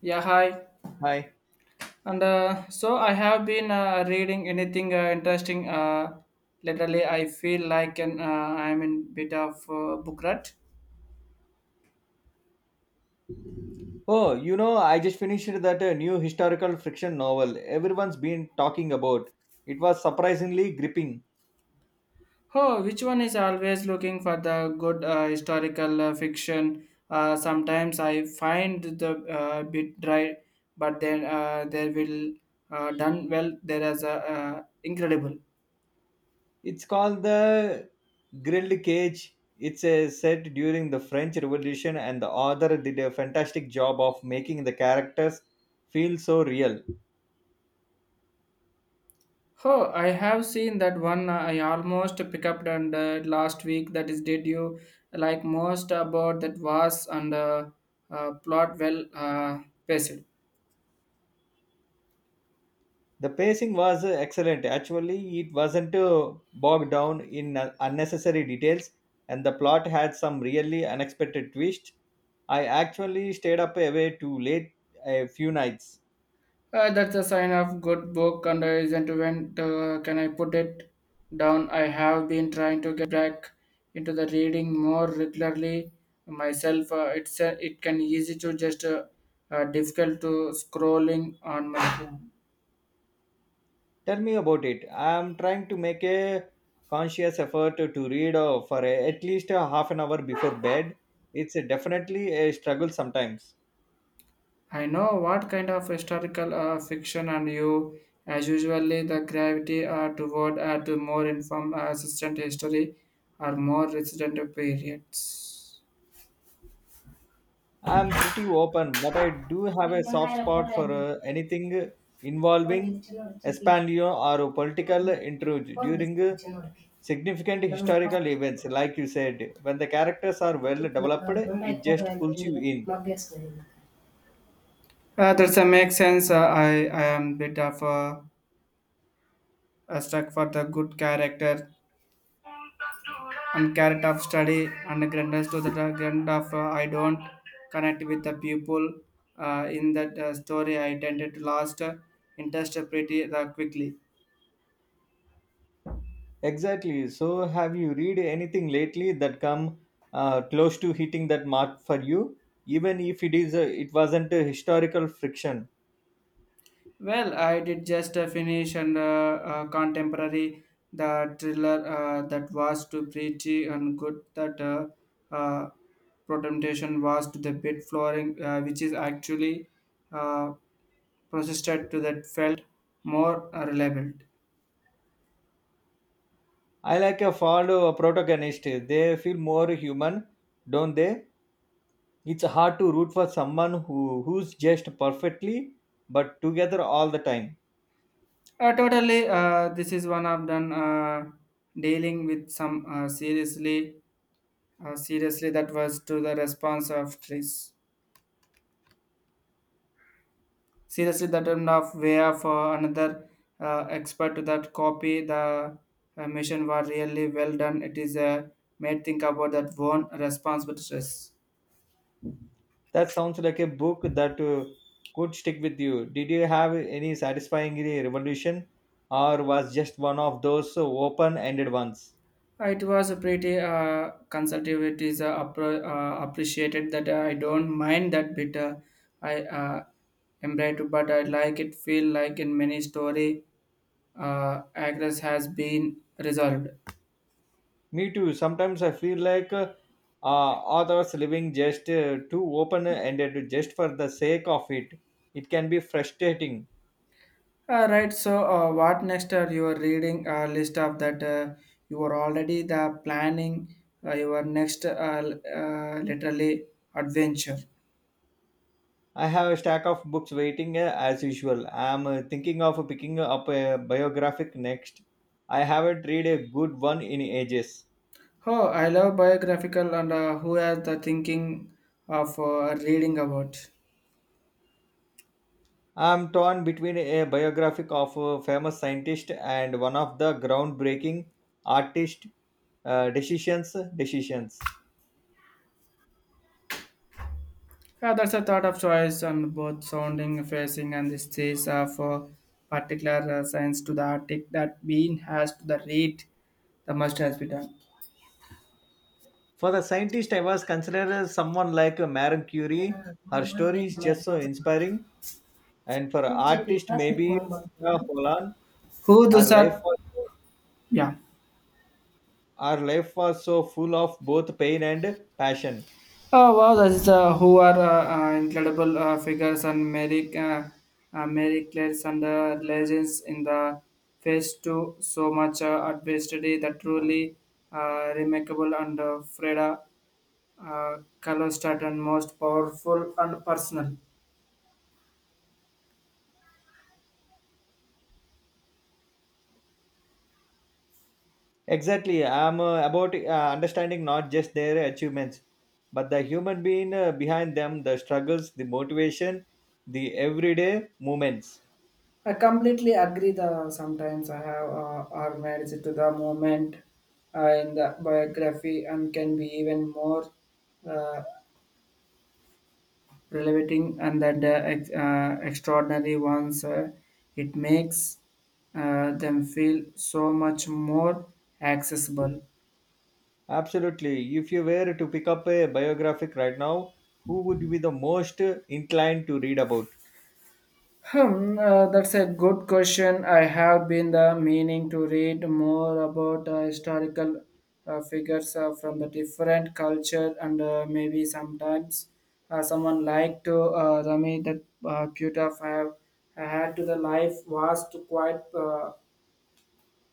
Yeah, hi. Hi. And so I have been reading anything interesting. Literally, I feel like I'm in bit of book rut. Oh, you know, I just finished that new historical fiction novel everyone's been talking about. It was surprisingly gripping. Oh, which one is always looking for the good historical fiction? Sometimes I find the bit dry, but then they will done well. There is a incredible. It's called The Grilled Cage. It's a set during the French Revolution, and the author did a fantastic job of making the characters feel so real. Oh, I have seen that one. I almost picked up and last week. That is, did you like most about that was and plot well paced? The pacing was excellent. Actually, it wasn't bogged down in unnecessary details, and the plot had some really unexpected twist. I actually stayed up away too late a few nights. That's a sign of good book and isn't when can I put it down? I have been trying to get back into the reading more regularly myself. It's it can easy to just difficult to scrolling on my phone. Tell me about it. I am trying to make a conscious effort to read for at least a half an hour before bed. It's definitely a struggle sometimes. I know what kind of historical fiction and you, as usually, the gravity toward more informed assistant history or more resident periods. I'm pretty open, but I do have a soft spot for anything involving Espanol or political intrigue during significant historical events. Like you said, when the characters are well developed, it just pulls you in. That's makes sense. I am bit of stuck for the good character and character of study and the grandness to the grand of I don't connect with the people in that story. I tended to lost interest pretty quickly. Exactly. So, have you read anything lately that come close to hitting that mark for you, even if it is it wasn't a historical fiction? Well, I did just finish and contemporary the thriller that was too pretty and good that uh, presentation was to the bed flooring, which is actually uh, persisted to that felt more reliable. I like a follow a protagonist. They feel more human, don't they? It's hard to root for someone who's just perfectly but together all the time. Totally, this is one of them dealing with some seriously, seriously that was to the response of trees. Seriously the term of where for another expert that copy the mission were really well done. It is made think about that one responsible stress. That sounds like a book that could stick with you. Did you have any satisfying revolution or was just one of those open-ended ones? It was a pretty consultative. It is appreciated that I don't mind that bit I embrace it, but I like it feel like in many story aggress has been resolved. Me too. Sometimes I feel like uh, authors living just too open-ended just for the sake of it. It can be frustrating. Right. So, what next are your reading list of that you are already the planning your next literally adventure. I have a stack of books waiting as usual. I'm thinking of picking up a biographic next. I haven't read a good one in ages. Oh, I love biographical and who has the thinking of reading about. I'm torn between a biographic of a famous scientist and one of the groundbreaking artist decisions. Yeah, that's a thought of choice on both sounding, facing, and the stage of particular science to the article that being has to the read, the must has been done. For the scientist, I was considered someone like Marie Curie. Her story is just so inspiring. And for artist, maybe Holland, Who those her life are? was so Yeah. our life was so full of both pain and passion. Oh wow, that's who are incredible figures and Mary, Mary Claire's and the legends in the phase two. So much adversity that truly remarkable and Freda Kalostat and most powerful and personal. Exactly, I'm about understanding not just their achievements, but the human being behind them, the struggles, the motivation, the everyday moments. I completely agree. The sometimes I have our marriage to the moment in the biography and can be even more uh, Relevating and that extraordinary ones it makes them feel so much more accessible. Absolutely. If you were to pick up a biographic right now, who would be the most inclined to read about? Hmm, that's a good question. I have been the meaning to read more about historical figures from the different culture and maybe sometimes someone like to Rami that Puta have had to the life was to quite uh,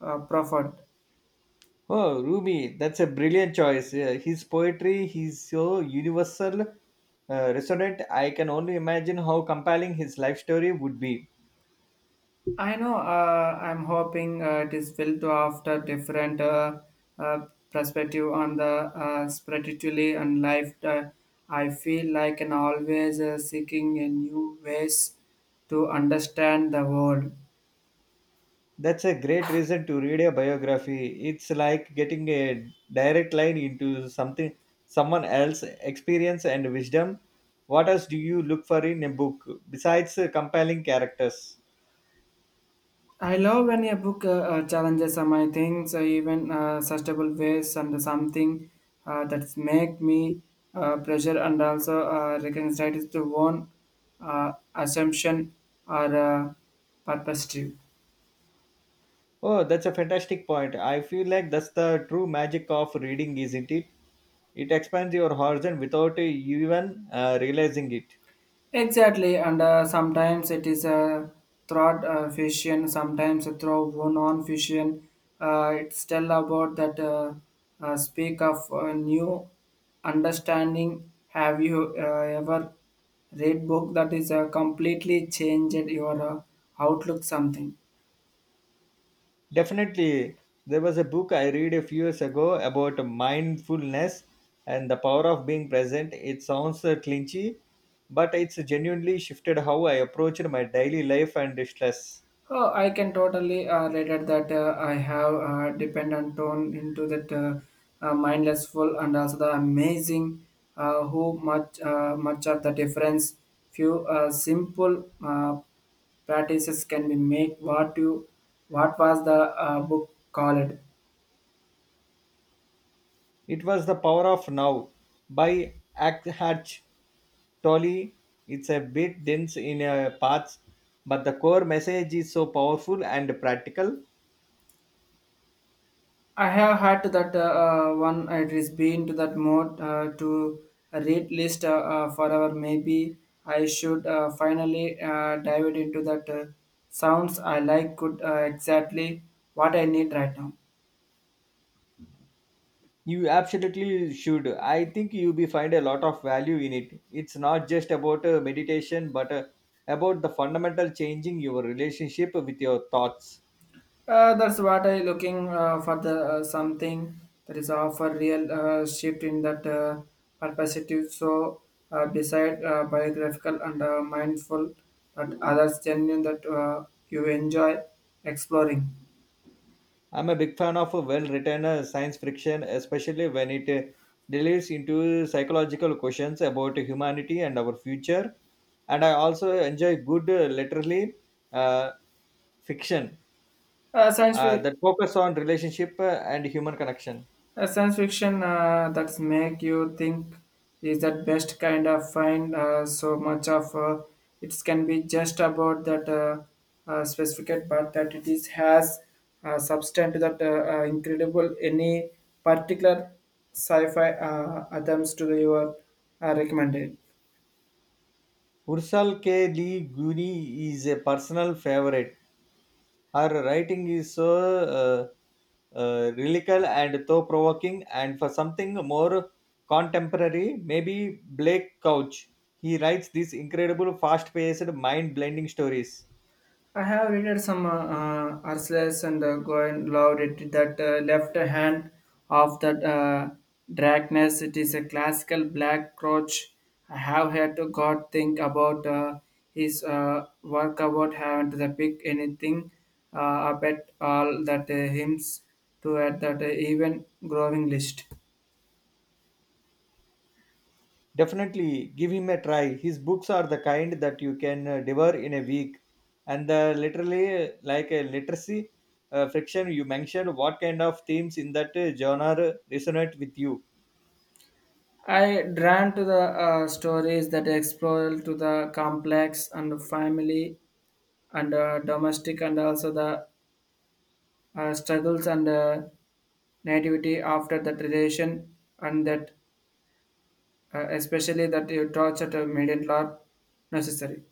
uh, profound. Oh, Rumi, that's a brilliant choice. Yeah, his poetry, he's so universal, resonant. I can only imagine how compelling his life story would be. I know. I'm hoping it is will to after different perspective on the spiritually and life. I feel like an always seeking a new ways to understand the world. That's a great reason to read a biography. It's like getting a direct line into something someone else's experience and wisdom. What else do you look for in a book besides compelling characters? I love when a book challenges my things, even sustainable ways and something that's make me pressure and also recognize to one assumption or perspective. Oh, that's a fantastic point. I feel like that's the true magic of reading, isn't it? It expands your horizon without even realizing it. Exactly, and sometimes it is a throat fission, sometimes a throw non fission. It's tell about that speak of new understanding. Have you ever read book that is completely changed your outlook something? Definitely, there was a book I read a few years ago about mindfulness and the power of being present. It sounds clinchy, but it's genuinely shifted how I approached my daily life and stress. Oh, I can totally relate that I have dependent on into that mindless full and also the amazing how much much of the difference few simple practices can be make. What you what was the book called? It was The Power of Now by Hatch Tolle. It's a bit dense in parts, but the core message is so powerful and practical. I have had that one. It is been to that mode to read list forever. Maybe I should finally dive it into that sounds I like. Could exactly what I need right now. You absolutely should. I think you will find a lot of value in it. It's not just about meditation, but about the fundamental changing your relationship with your thoughts. That's what I looking for the something that is offer real shift in that perspective. So beside biographical and mindful, but others genuine that you enjoy exploring. I'm a big fan of a well-written science fiction, especially when it delves into psychological questions about humanity and our future. And I also enjoy good, literally, uh, fiction Uh, science, fi- that focus on relationship and human connection. Science fiction that make you think is that best kind of find. So much of it can be just about that specific, but that it is has substance to that incredible. Any particular sci-fi attempts to the your recommended? Ursal K. Lee Guiney is a personal favorite. Her writing is so lyrical and thought provoking, and for something more contemporary, maybe Blake Couch. He writes these incredible, fast paced, mind blending stories. I have read some Arcelus and Goen loved it. That left hand of that Dragnes, it is a classical black crotch. I have had to God think about his work about having to pick anything uh, up at all that hymns to add that even growing list. Definitely give him a try. His books are the kind that you can devour in a week. And the literally, like a literacy friction, you mentioned what kind of themes in that genre resonate with you. I drawn to the stories that explore to the complex and family and domestic and also the struggles and nativity after that relation and that especially that you torture to median law necessary.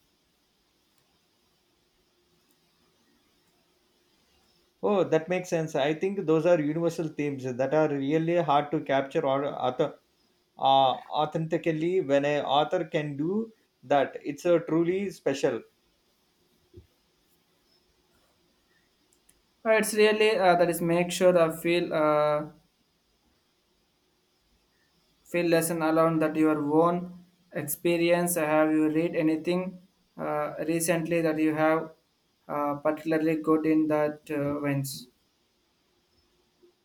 Oh, that makes sense. I think those are universal themes that are really hard to capture or author, uh, authentically. When an author can do that, it's a truly special. It's really that is make sure that feel lesson alone that your own experience. Have you read anything recently that you have particularly good in that wins?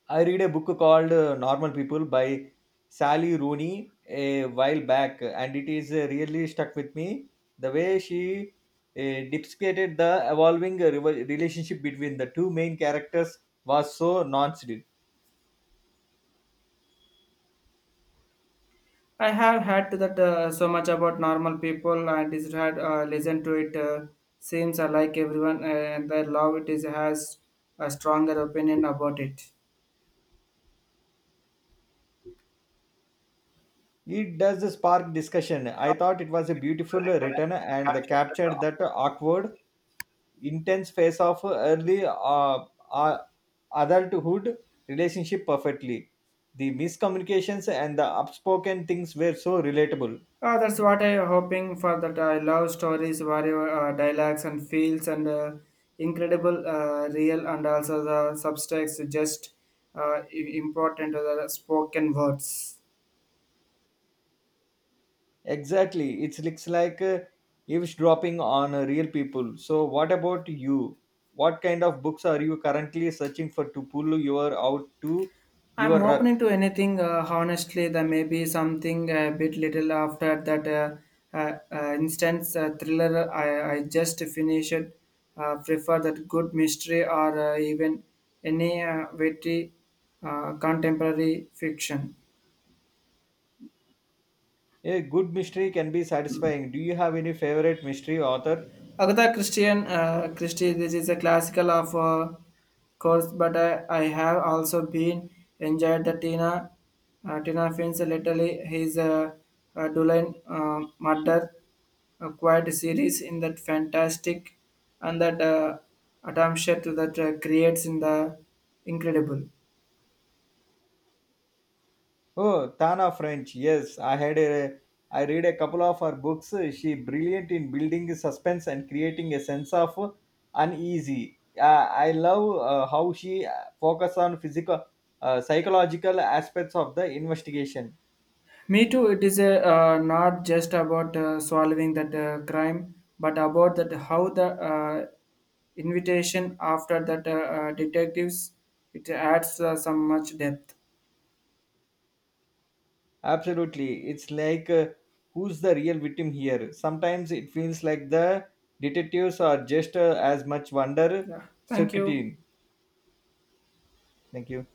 I read a book called Normal People by Sally Rooney a while back, and it is really stuck with me the way she depicted the evolving relationship between the two main characters was so nuanced. I have had to that so much about normal people and is had listened to it. Seems I like everyone and I love it is has a stronger opinion about it. It does spark discussion. I thought it was a beautiful written and they captured that awkward, intense phase of early uh, adulthood relationship perfectly. The miscommunications and the upspoken things were so relatable. That's what I'm hoping for. That I love stories, where dialogues and feels and incredible, real and also the subtext just uh, i- important to the spoken words. Exactly, it looks like eavesdropping on real people. So, what about you? What kind of books are you currently searching for to pull you out to I'm your rut? open to anything. Honestly, there may be something a bit little after that instance thriller I just finished. Prefer that good mystery or even any witty contemporary fiction. A good mystery can be satisfying. Do you have any favorite mystery author? Agatha Christian Christie, this is a classical of course, but I have also been enjoyed the Tina Tina Fins literally his Duline murder quite series in that fantastic and that attention to that creates in the incredible. Oh, Tana French. Yes, I read a couple of her books. She brilliant in building suspense and creating a sense of uneasy. I love how she focus on physical psychological aspects of the investigation. Me too. It is a, not just about solving that crime, but about that how the invitation after that detectives it adds some much depth. Absolutely. It's like who's the real victim here? Sometimes it feels like the detectives are just as much wonder Yeah. Thank you. circuiting. Thank you.